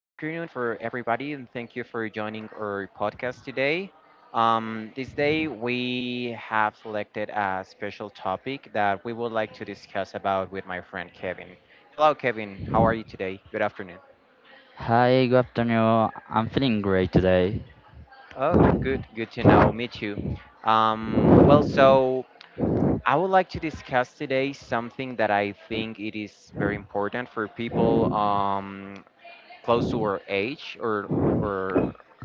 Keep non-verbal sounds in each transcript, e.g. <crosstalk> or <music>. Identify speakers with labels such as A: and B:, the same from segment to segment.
A: for everybody, and thank you for joining our podcast today. This day, we have selected a special topic that we would like to discuss about with my friend Kevin. Hello, Kevin. How are you today? Good afternoon.
B: Hi, good afternoon. I'm feeling great today.
A: Oh, good. Good to know. Me too. So I would like to discuss today something that I think it is very important for people. Close to our age or or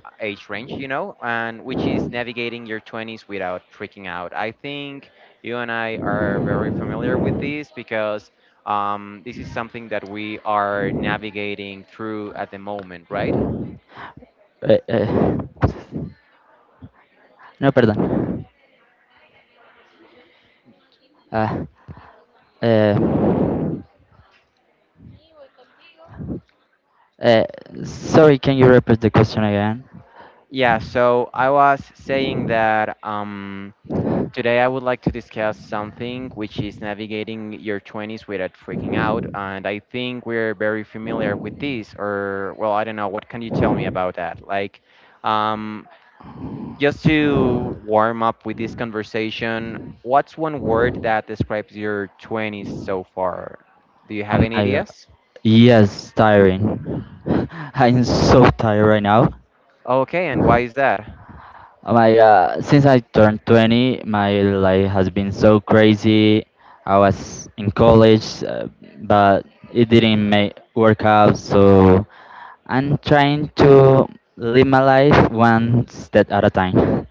A: uh, age range, you know, and which is navigating your 20s without freaking out. I think you and I are very familiar with this because this is something that we are navigating through at the moment, right?
B: Uh, uh, no, pardon. Uh, uh, uh, sorry, can you repeat the question again?
A: Yeah, so I was saying that today, I would like to discuss something which is navigating your 20s without freaking out. And I think we're very familiar with this, or, well, I don't know. What can you tell me about that? Um, just to warm up with this conversation, what's one word that describes your 20s so far? Do you
B: Oh
A: have any
B: my god.
A: ideas?
B: Yes, tiring. <laughs> I'm so tired right now.
A: Okay, and
B: Oh
A: why is that?
B: my god, since I turned 20, my life has been so crazy. I was in college, but it didn't make work out, so I'm trying to live my life one step at a time.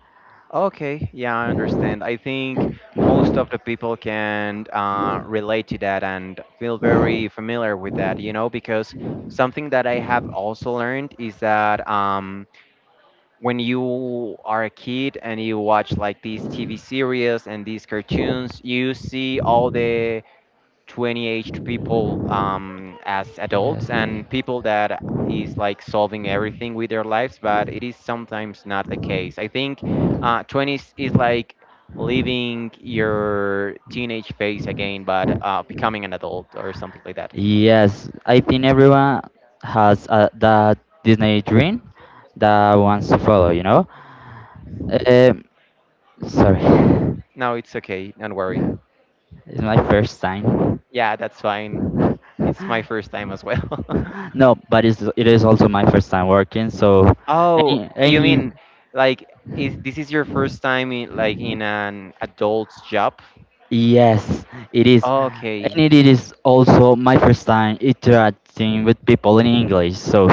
A: Okay, yeah, I understand. I think most of the people can relate to that and feel very familiar with that, you know, because something that I have also learned is that when you are a kid and you watch like these TV series and these cartoons, you see all the 20 aged people as adults
B: Yes.
A: and people that is like solving everything with their lives, but it is sometimes not the case. I think 20s is like living your teenage phase again, but becoming an adult or something like that.
B: Yes, I think everyone has that Disney dream that wants to follow, you know? Um, sorry,
A: No, it's okay. Don't worry.
B: <laughs> it's my first time.
A: Yeah, that's fine.
B: <laughs>
A: It's my first time as well. <laughs>
B: No, but it is also my first time working, so
A: Oh,
B: any,
A: you
B: any
A: mean like is this is your first time in, like in an adult's job?
B: yes, it is. And
A: Okay.
B: it is also my first time interacting with people in English, so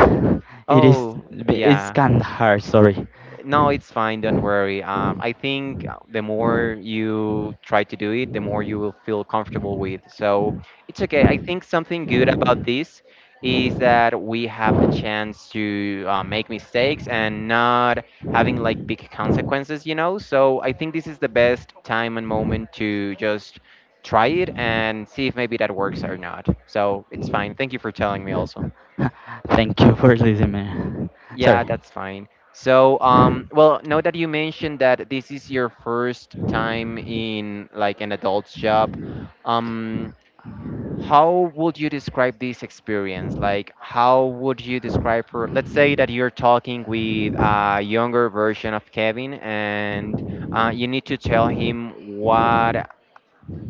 B: it is
A: Oh,
B: it's
A: yeah.
B: kind of hard, sorry.
A: No, it's fine. Don't worry. I think the more you try to do it, the more you will feel comfortable with. So it's okay. I think something good about this is that we have a chance to make mistakes and not having like big consequences, you know? So I think this is the best time and moment to just try it and see if maybe that works or not. So it's fine. Thank you
B: <laughs>
A: for telling me also.
B: Thank you for listening, man.
A: Yeah,
B: Sorry.
A: that's fine. So, well, now that you mentioned that this is your first time in like an adult shop, um, how would you describe this experience? Like, how would you describe for, let's say that you're talking with a younger version of Kevin and you need to tell him what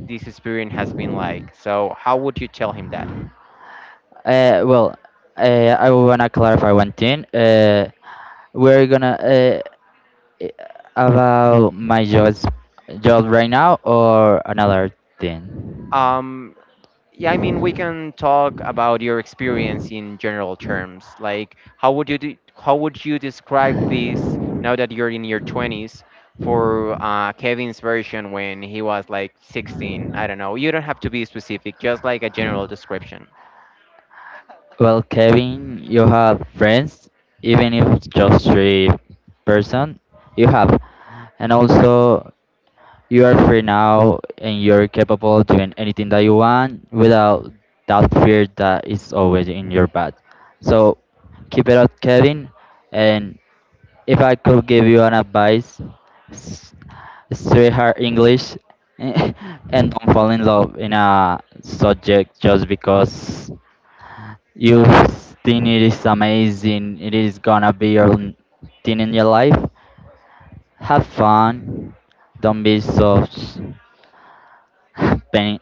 A: this experience has been like. So, how would you tell him that?
B: Uh, well, I wanna clarify one thing. We're gonna i- about my job right now or another thing.
A: Um, Yeah, I mean, we can talk about your experience in general terms. Like, how would you describe this now that you're in your 20s for Kevin's version when he was like 16? I don't know. You don't have to be specific, just like a general description.
B: Well, Kevin, you have friends, even if it's just three person, you have, and also you are free now and you're capable of doing anything that you want without that fear that is always in your back. So keep it up, Kevin. And if I could give you an advice, s- sweetheart English, <laughs> and don't fall in love in a subject just because you think it is amazing, it is gonna be your thing in your life. Have fun, don't be so <laughs> pain.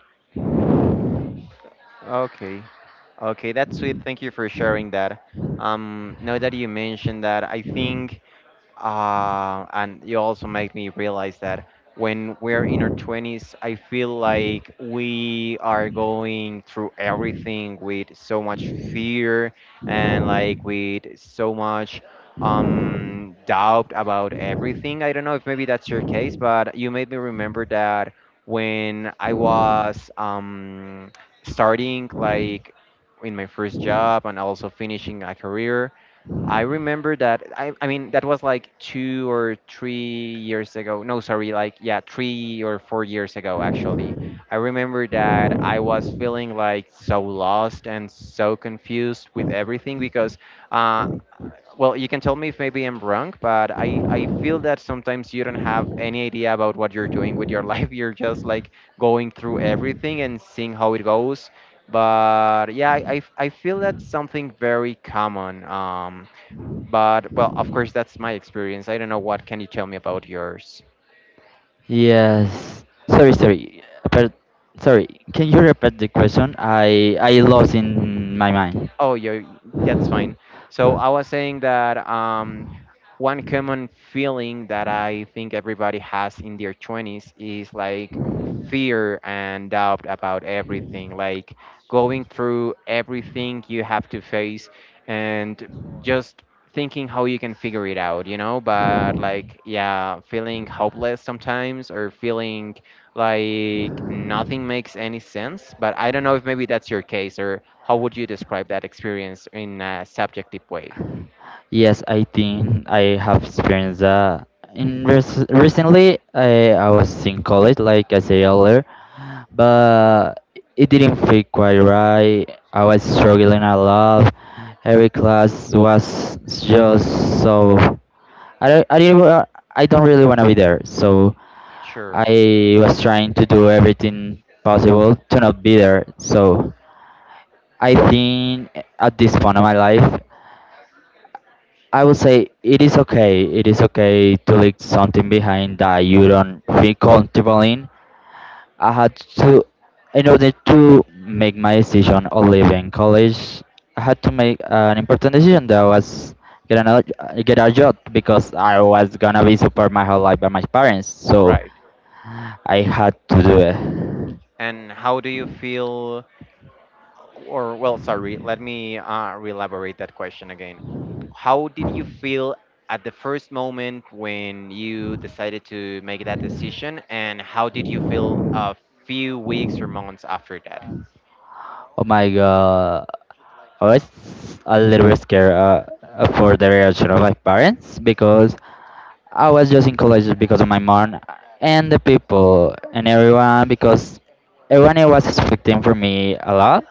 A: Okay. Okay, that's sweet. Thank you for sharing that. Now that you mentioned that, I think and you also make me realize that when we're in our 20s, I feel like we are going through everything with so much fear and like with so much doubt about everything. I don't know if maybe that's your case, but you made me remember that when I was starting like in my first job and also finishing a career. I remember that. I mean, that was like 2 or 3 years ago. No, sorry, like, yeah, 3 or 4 years ago, actually. I remember that I was feeling like so lost and so confused with everything because, uh, well, you can tell me if maybe I'm wrong, but I feel that sometimes you don't have any idea about what you're doing with your <laughs> life. You're just like going through everything and seeing how it goes. But yeah, I feel that's something very common. But well, of course, that's my experience. I don't know what can you tell me about yours.
B: Yes. Sorry, sorry. But sorry, can you repeat the question? I lost in my mind.
A: Oh, yeah, that's fine. So I was saying that one common feeling that I think everybody has in their 20s is like fear and doubt about everything, like going through everything you have to face and just thinking how you can figure it out, you know? But like, yeah, feeling hopeless sometimes or feeling like nothing makes any sense. But I don't know if maybe that's your case or how would you describe that experience in a subjective way?
B: Yes, I think I have experienced that. Recently, I was in college, like I said earlier, but it didn't feel quite right. I was struggling a lot. Every class was just so. I, don't- I didn't. Wa- I don't really want to be there. So
A: Sure.
B: I was trying to do everything possible to not be there. So I think at this point of my life, I would say it is okay. It is okay to leave something behind that you don't feel comfortable in. I had to, in order to make my decision of leaving college, I had to make an important decision that was get another get a job because I was gonna be supported my whole life by my parents. So
A: Right.
B: I had to do it.
A: And how do you feel, or well, sorry, let me re-elaborate that question again. How did you feel at the first moment when you decided to make that decision, and how did you feel a few weeks or months after that?
B: Oh my god. I was a little bit scared for the reaction of my parents because I was just in college because of my mom and the people and everyone because everyone was expecting from me a lot.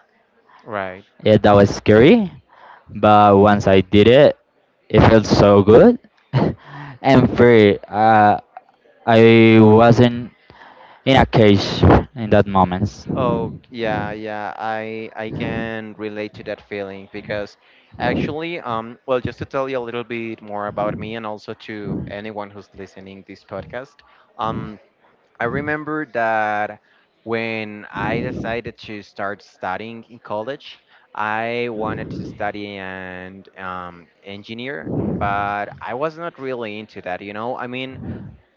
A: Right.
B: Yeah, that was scary. But once I did it, it felt so good <laughs> and free. I wasn't in a cage in that moment.
A: Oh, yeah, yeah. I can relate to that feeling because actually, well, just to tell you a little bit more about me and also to anyone who's listening this podcast, um, I remember that when I decided to start studying in college, I wanted to study and engineer, but I was not really into that, you know? I mean,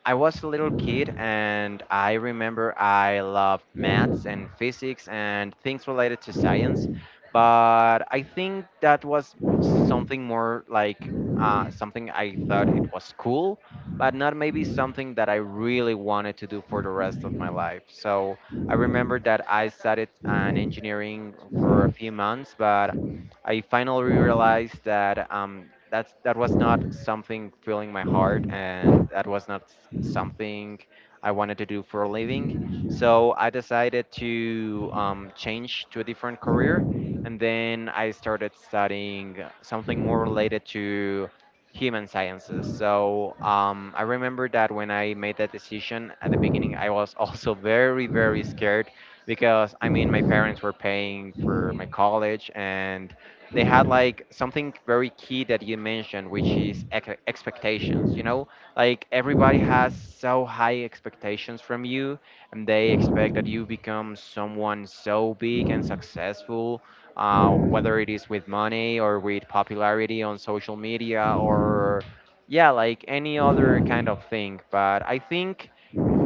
A: I was a little kid and I remember I loved maths and physics and things related to science, but I think that was something more like something I thought it was cool, but not maybe something that I really wanted to do for the rest of my life. So I remember that I studied an engineering for a few months, but I finally realized that that was not something filling my heart, and that was not something I wanted to do for a living. So I decided to change to a different career, and then I started studying something more related to human sciences. So I remember that when I made that decision at the beginning, I was <laughs> also very, very scared because I mean, my parents were paying for my college, and they had like something very key that you mentioned, which is expectations, you know, like everybody has so high expectations from you, and they expect that you become someone so big and successful, whether it is with money or with popularity on social media or yeah, like any other kind of thing. But I think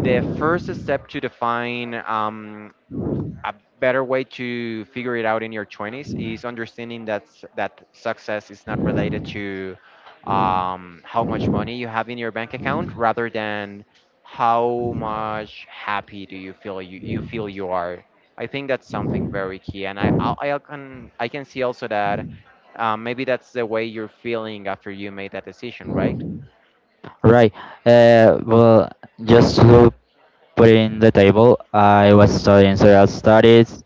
A: the first step to define a better way to figure it out in your 20s is understanding that that success is not related to how much money you have in your bank account, rather than how much happy do you feel you feel you are. I think that's something very key, and I can see also that maybe that's the way you're feeling after you made that decision, right?
B: Right. Uh, well, just to put it in the table. I was studying social studies.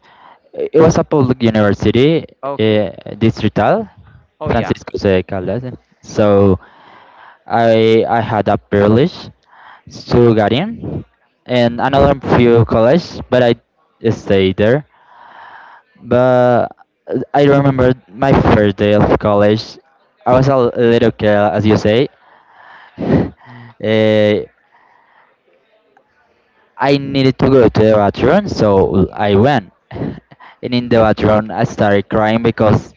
B: It was a public university,
A: Okay.
B: uh, distrital,
A: Oh, yeah.
B: Francisco de Caldas. So I had a privilege to get in, and another few college, but I stayed there. But I remember my first day of college. I was a little girl, as you say. <laughs> Uh, I needed to go to the bathroom, so I went. <laughs> And in the bathroom, I started crying because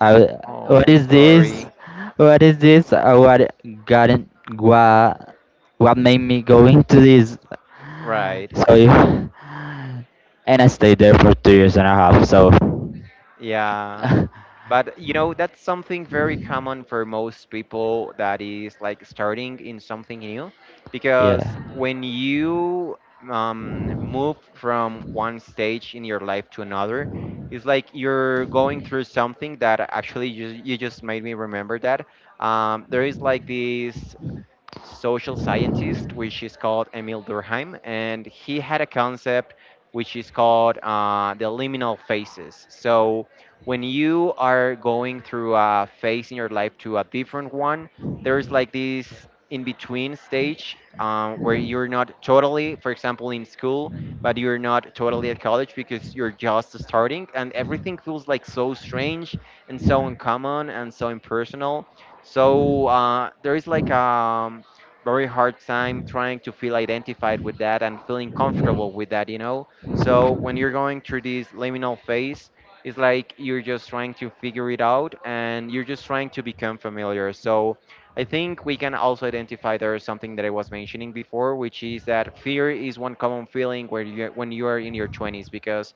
B: I, w-
A: Oh,
B: what
A: I'm
B: is this?
A: sorry.
B: What is this? What got in, what, what made me go into this?
A: Right.
B: So, <sighs> you- and I stayed there for 2 years and a half. So,
A: Yeah. But you know, that's something very common for most people that is like starting in something new,
B: <laughs>
A: because
B: yeah.
A: when you move from one stage in your life to another, it's like you're going through something that actually you just made me remember that. There is like this social scientist, which is called Emil Durkheim, and he had a concept which is called the liminal phases. So when you are going through a phase in your life to a different one, there's like this in between stage where you're not totally, for example, in school, but you're not totally at college because you're just starting, and everything feels like so strange and so uncommon and so impersonal. So there is like a very hard time trying to feel identified with that and feeling comfortable with that, you know? So when you're going through this liminal phase, it's like you're just trying to figure it out and you're just trying to become familiar. So I think we can also identify there is something that I was mentioning before, which is that fear is one common feeling where you when you are in your 20s because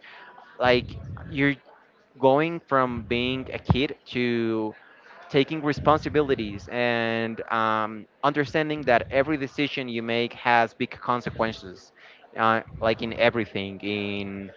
A: like you're going from being a kid to taking responsibilities and understanding that every decision you make has big consequences, like in everything, in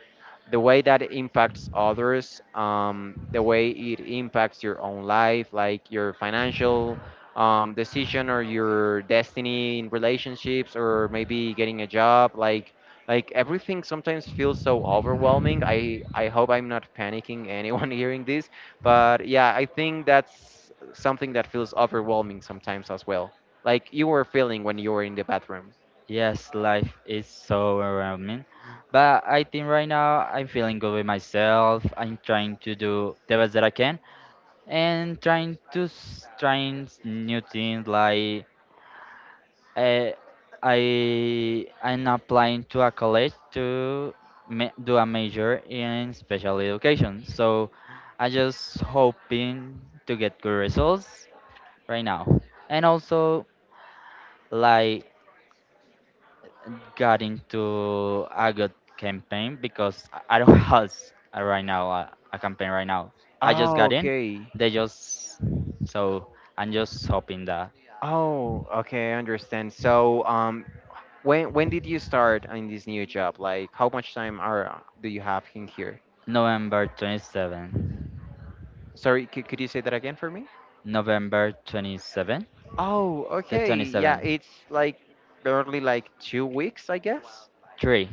A: the way that it impacts others, the way it impacts your own life, like your financial decision or your destiny in relationships, or maybe getting a job, like everything sometimes feels so overwhelming. I hope I'm not panicking anyone <laughs> hearing this, but yeah, I think that's something that feels overwhelming sometimes as well. Like you were feeling when you were in the bathroom.
B: Yes, life is so overwhelming, but I think right now I'm feeling good with myself. I'm trying to do the best that I can and trying to new things like I I I'm applying to a college to ma do a major in special education. So I am just hoping to get good results right now. And also like got into a good campaign because I don't <laughs> have a campaign right now. I just
A: Oh,
B: got in.
A: okay.
B: They just so I'm just hoping that
A: Oh, okay, I understand. So, when did you start in this new job? Like, how much time are do you have in here?
B: November 27,
A: Sorry, could you say that again for me?
B: November 27,
A: Oh,
B: the
A: okay. Yeah,
B: 27,
A: it's like barely like 2 weeks, I guess.
B: three,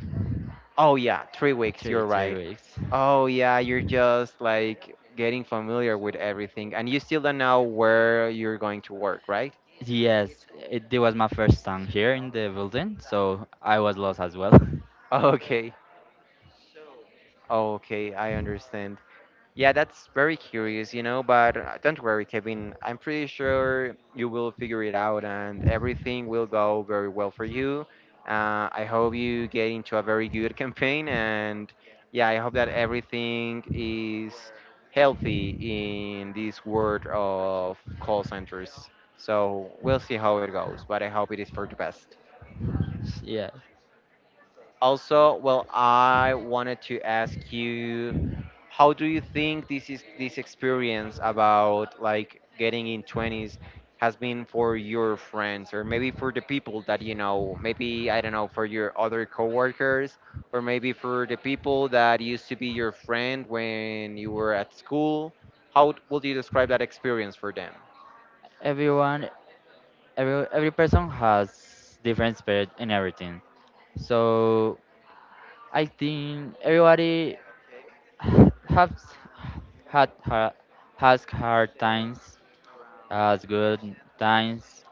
A: Oh yeah, 3 weeks, you're
B: three
A: right.
B: weeks.
A: Oh yeah, you're just like getting familiar with everything and you still don't know where you're going to work, right? <laughs>
B: Yes, it was my first time here in the building, so I was lost as well.
A: Okay. Okay, I understand. Yeah, that's very curious, you know, but don't worry, Kevin. I'm pretty sure you will figure it out and everything will go very well for you. I hope you get into a very good campaign and yeah, I hope that everything is healthy in this world of call centers. So we'll see how it goes, but I hope it is for the best.
B: <laughs> yeah,
A: Also, well, I wanted to ask you, how do you think this experience about like getting in 20s has been for your friends or maybe for the people that you know, maybe I don't know, for your other coworkers or maybe for the people that used to be your friend when you were at school? How would you describe that experience for them?
B: everyone, every person has different spirit in everything. So I think everybody <sighs> has had har has hard times, has good times.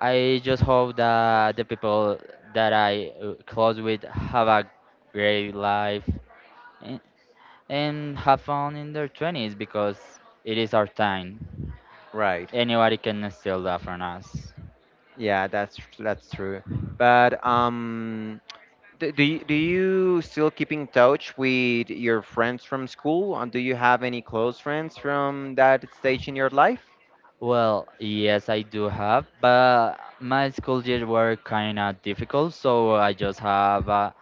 B: I just hope that the people that I close with have a great life and, and have fun in their 20s because it is our time.
A: Right.
B: Anybody can steal that from us.
A: Yeah, that's true. But Do you still keep in touch with your friends from school? And do you have any close friends from that stage in your life?
B: Well, yes, I do have, but my school years were kind of difficult, so I just have a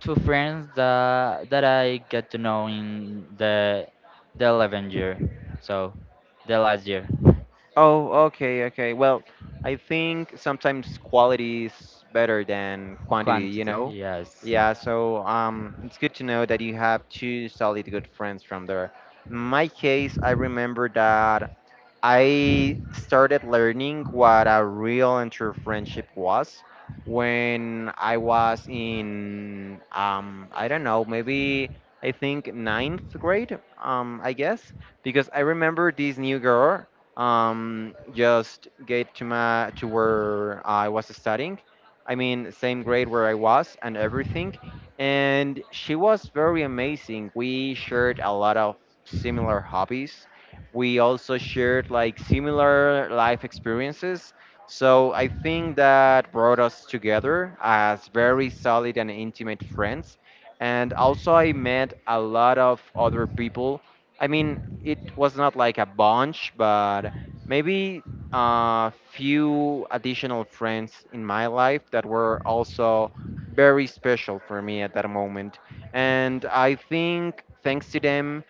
B: two friends that I get to know in the 11th year, so the last year.
A: Oh, okay, okay. Well, I think sometimes quality is better than quantity, you
B: Quantity,
A: know?
B: yes.
A: Yeah, so it's good to know that you have two solid good friends from there. In my case, I remember that I started learning what a real and true friendship was when I was in, I don't know, maybe I think ninth grade, I guess, because I remember this new girl just get to my to where I was studying. I mean, same grade where I was and everything. And she was very amazing. We shared a lot of similar hobbies, we also shared like similar life experiences. So I think that brought us together as very solid and intimate friends. And also, I met a lot of other people. I mean, it was not like a bunch, but maybe a few additional friends in my life that were also very special for me at that moment. And I think thanks to them,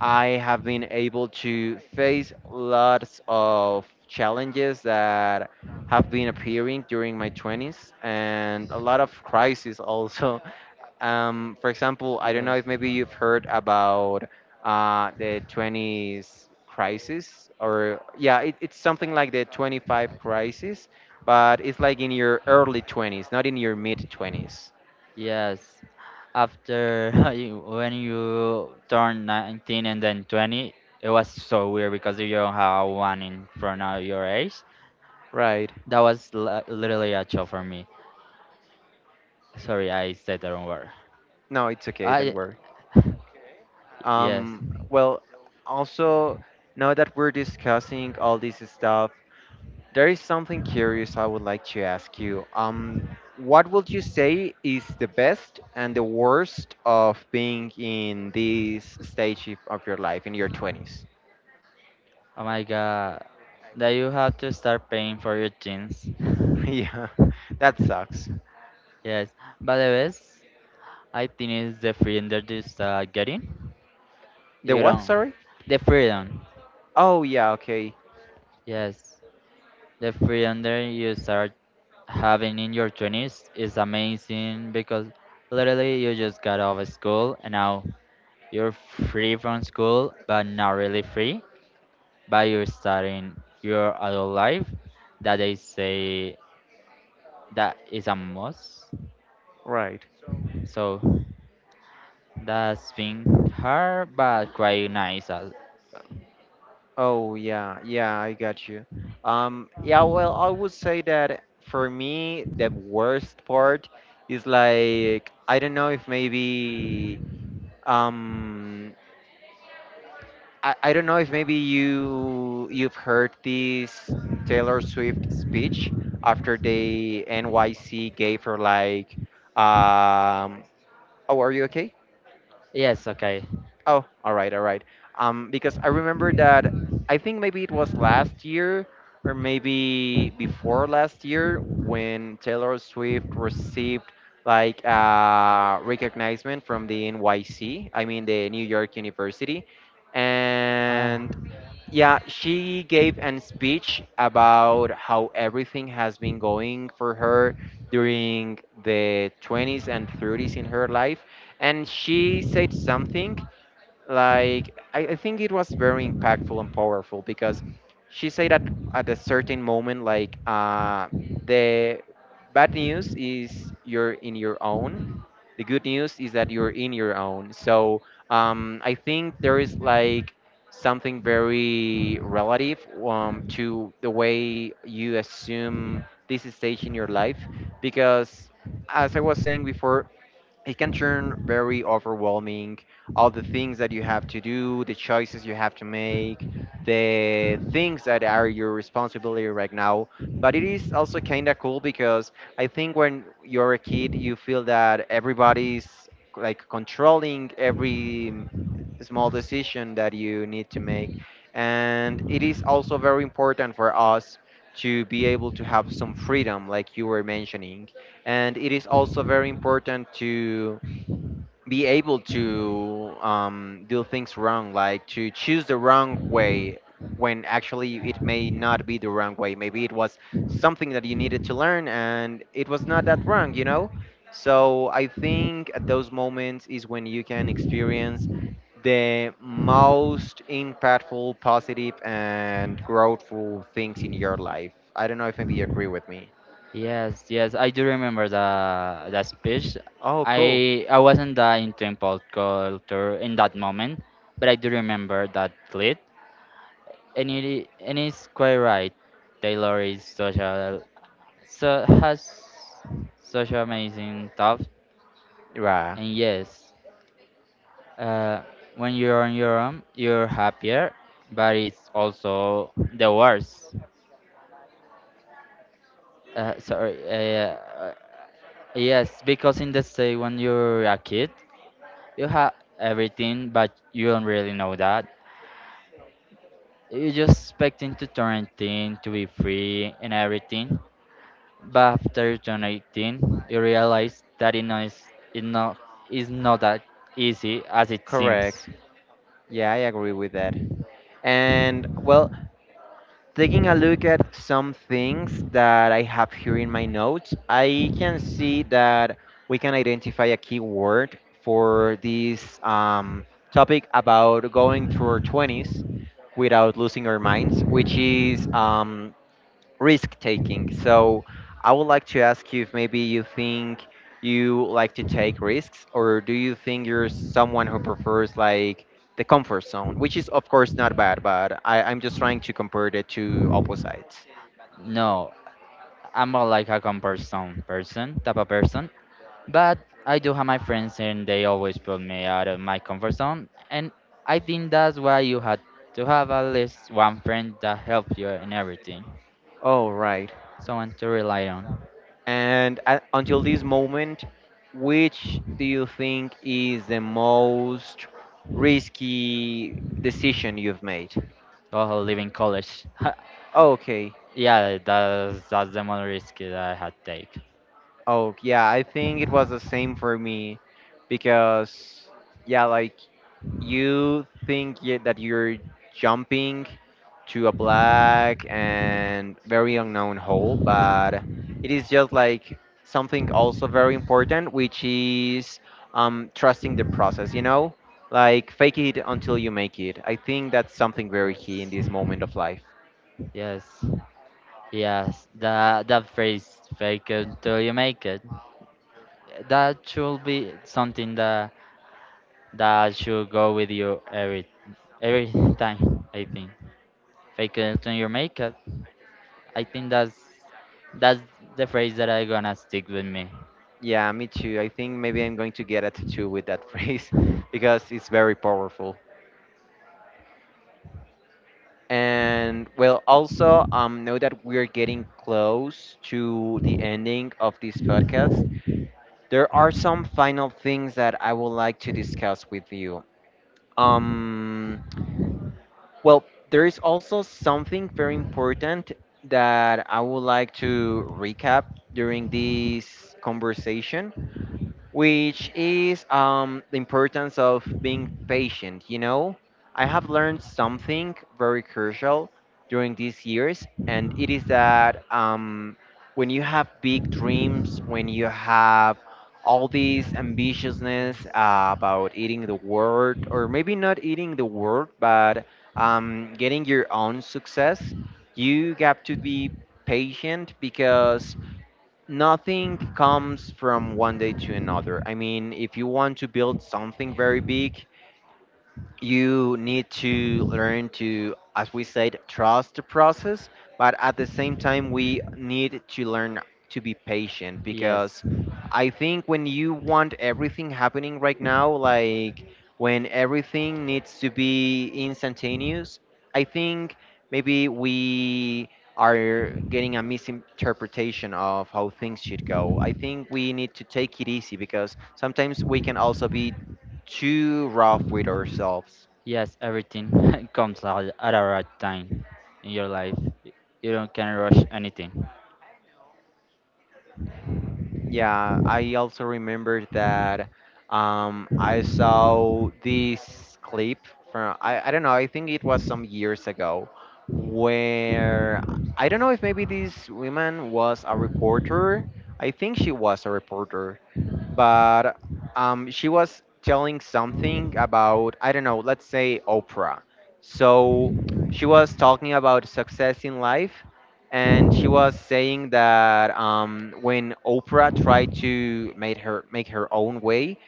A: I have been able to face lots of challenges that have been appearing during my 20s and a lot of crises also. <laughs> For example, I don't know
B: Yes.
A: if maybe you've heard about the 20s crisis, or yeah, it's something like the 25 crisis, but it's like in your early 20s, not in your mid 20s.
B: Yes. After <laughs> when you turn 19 and then 20, it was so weird because you don't have one in front of your age.
A: Right.
B: Literally a shock for me. Sorry, I said the wrong word.
A: No, it's okay, don't
B: I
A: worry.
B: <laughs> yes.
A: Well, also, now that we're discussing all this stuff, there is something curious I would like to ask you. What would you say is the best and the worst of being in this stage of your life, in your 20s?
B: Oh my god. That you have to start paying for your jeans. <laughs>
A: <laughs> Yeah, that sucks.
B: Yes, but the best I think is the freedom that is getting.
A: The
B: You
A: what,
B: don't
A: sorry?
B: the freedom.
A: Oh, yeah, okay,
B: Yes, the freedom that you start having in your twenties is amazing because literally you just got out of school and now you're free from school, but not really free. By you starting your adult life that they say that is a must.
A: right.
B: So that's been hard but quite nice.
A: Oh yeah, yeah, I got you. Yeah, well, I would say that for me, the worst part is like I don't know if maybe um I don't know if maybe you've heard this Taylor Swift speech after the NYC gave her like um oh, are you okay?
B: Yes, okay.
A: Oh, all right, all right. Because I remember that I think maybe it was last year or maybe before last year when Taylor Swift received like recognition from the NYC, I mean the New York University,
B: Ah,
A: and yeah, she gave an speech about how everything has been going for her during the 20s and 30s in her life, and she said something like I think it was very impactful and powerful because she said that at a certain moment like the bad news is you're in your own, the good news is that you're in your own. So I think there is like something very relative, to the way you assume this stage in your life, because as I was saying before, it can turn very overwhelming, all the things that you have to do, the choices you have to make, the things that are your responsibility right now. But it is also kind of cool because I think when you're a kid you feel that everybody's like controlling every small decision that you need to make. And it is also very important for us to be able to have some freedom, like you were mentioning. And it is also very important to be able to do things wrong, like to choose the wrong way, when actually it may not be the wrong way, maybe it was something that you needed to learn and it was not that wrong, you know? So I think at those moments is when you can experience the most impactful, positive and growthful things in your life. I don't know if maybe you agree with me.
B: yes, yes. I do remember the speech.
A: Oh cool.
B: I wasn't that into impulse culture in that moment, but I do remember that clip. And it's quite right. Taylor is such a so has such amazing thought.
A: Yeah.
B: And yes, uh, when you're on your own, you're happier, but it's also the worst. Sorry. Yes, because in the state when you're a kid, you have everything, but you don't really know that. You're just expecting to turn 18, to be free and everything. But after you turn 18, you realize that it not, is not that easy as it
A: Correct.
B: seems.
A: Yeah, I agree with that. And well, taking a look at some things that I have here in my notes, I can see that we can identify a keyword for this topic about going through our 20s without losing our minds, which is risk taking. So I would like to ask you if maybe you think you like to take risks, or do you think you're someone who prefers like the comfort zone, which is of course not bad, but I'm just trying to compare the two opposites.
B: No, I'm more like a comparison person, type of person. But I do have my friends and they always put me out of my comfort zone. And I think that's why you had to have at least one friend that helps you in everything.
A: Oh, right.
B: Someone to rely on.
A: And until this moment, which do you think is the most risky decision you've made?
B: While living college.
A: Okay.
B: <laughs> yeah, that's the most risky that I had take.
A: Oh, yeah, I think it was the same for me because, yeah, like you think y that you're jumping to a black and very unknown hole, but it is just like something also very important, which is trusting the process, you know? Like fake it until you make it. I think that's something very key in this
B: Yes.
A: moment of life.
B: Yes. Yes. That phrase fake it till you make it. That should be something that That should go with you every time, I think. Fake it until you make it. I think that's the phrase that I gonna stick with me.
A: Yeah, me too. I think maybe I'm going to get a tattoo with that <laughs> phrase because it's very powerful. And well, also, know that we're getting close to the ending of this podcast. There are some final things that I would like to discuss with you. Um, well, there is also something very important that I would like to recap during this conversation, which is the importance of being patient. You know, I have learned something very crucial during these years, and it is that when you have big dreams, when you have all these ambitiousness
B: Yes.
A: about eating the world, or maybe not eating the world, but getting your own success, you have to be patient because nothing comes from one day to another. I mean, if you want to build something very big, you need to learn to, as we said, trust the process, but at the same time we need to learn to be patient.
B: Yes,
A: Because I think when you want everything happening right now, like when everything needs to be instantaneous, I think maybe we are getting a misinterpretation of how things should go. I think we need to take it easy because sometimes we can also be too rough with ourselves.
B: yes, everything <laughs> comes out at a right time in your life. Y- You don't can rush anything.
A: Yeah, I also remember that I saw this clip from, I don't know, I think it was some years ago, where I don't know if maybe this woman was a reporter. I think she was a reporter, but she was telling something about, I don't know, let's say Oprah. So she was talking about success in life and she was saying that when Oprah tried to make her own way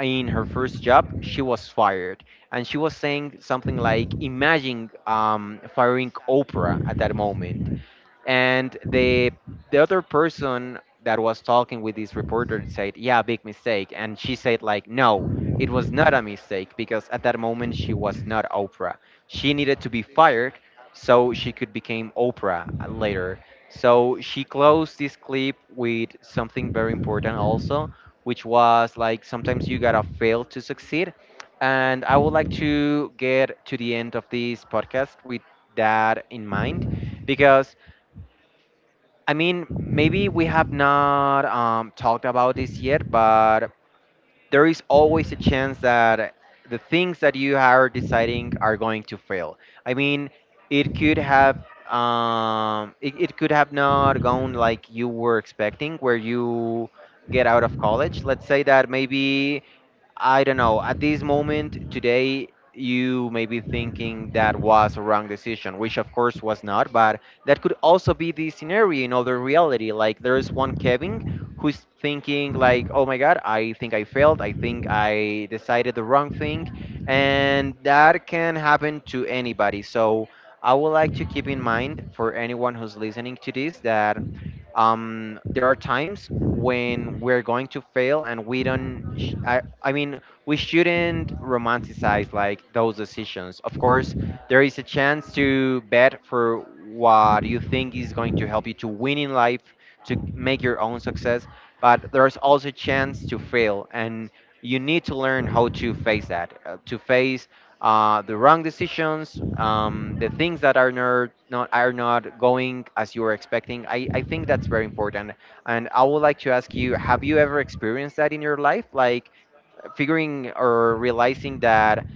A: in her first job, she was fired, and she was saying something like, "Imagine firing Oprah at that moment." And the other person that was talking with this reporter said, yeah, big mistake. And she said like, no, it was not a mistake because at that moment she was not Oprah, she needed to be fired so she could become Oprah later. So she closed this clip with something very important also, which was like, sometimes you gotta fail to succeed. And I would like to get to the end of this podcast with that in mind, because I mean, maybe we have not talked about this yet, but there is always a chance that the things that you are deciding are going to fail. I mean, it could have it could have not gone like you were expecting, where you get out of college. Let's say that maybe I don't know. At this moment, today, you may be thinking that was a wrong decision, which of course was not, but that could also be the scenario in other reality. Like, there is one Kevin who's thinking, like, oh my God, I think I failed. I think I decided the wrong thing. And that can happen to anybody. So, I would like to keep in mind for anyone who's listening to this that there are times when we're going to fail and we don't I mean, we shouldn't romanticize like those decisions. Of course, there is a chance to bet for what you think is going to help you to win in life, to make your own success, but there's also a chance to fail, and you need to learn how to face that, to face the wrong decisions, the things that are not going as you were expecting. I think that's very important. And I would like to ask you, have you ever experienced that in your life? Like figuring or realizing that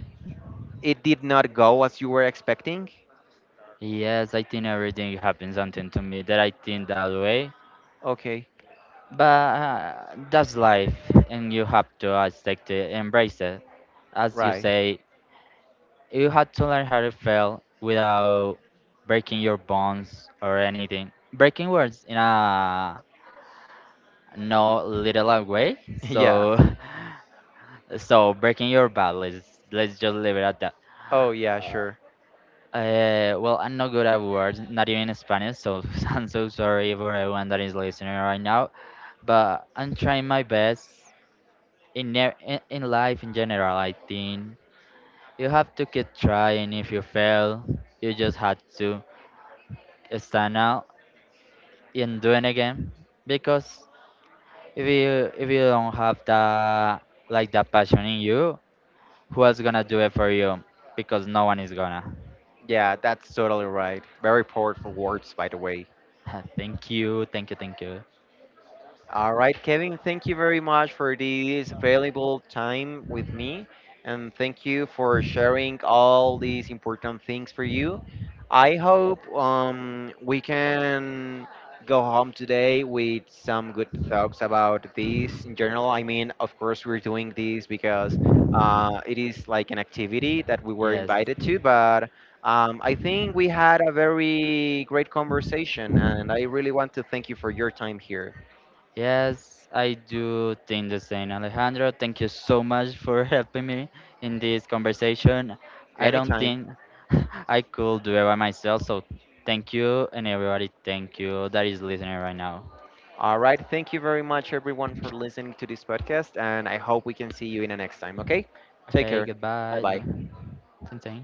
A: it did not go as you were expecting?
B: Yes, I think everything happens something to me that I think that way.
A: Okay,
B: But That's life, and you have to accept it, embrace it. As you
A: right. <laughs>
B: say, you had to learn how to fail without breaking your bones or anything. Breaking words in a no literal way.
A: Yeah.
B: So, <laughs> so breaking your back. Let's just leave it at that.
A: Oh, yeah, sure.
B: Uh, I'm not good at words, not even in Spanish, so <laughs> I'm so sorry for everyone that is listening right now. But I'm trying my best in life in general. I think you have to keep trying. If you fail, you just have to stand out in doing a game, because if you don't have that like that passion in you, who else gonna do it for you? Because no one is gonna
A: Yeah, that's totally right. Very powerful words, by the way.
B: <laughs> thank you, thank you, thank you.
A: All right, Kevin, thank you very much for this valuable time with me. And thank you for sharing all these important things for you. I hope we can go home today with some good thoughts about this in general. I mean, of course, we're doing this because it is like an activity that we were
B: Yes,
A: invited to, but I think we had a very great conversation, and I really want to thank you for your time here.
B: yes, I do think the same, Alejandro. Thank you so much for <laughs> helping me in this conversation. I don't
A: Anytime.
B: think <laughs> I could do it by myself, so thank you, and everybody, thank you that is listening right now.
A: All right. Thank you very much, everyone, for listening to this podcast. And I hope we can see you in the next time. Okay. Take
B: Okay,
A: care. Bye
B: goodbye.
A: bye.
B: Ting, ting.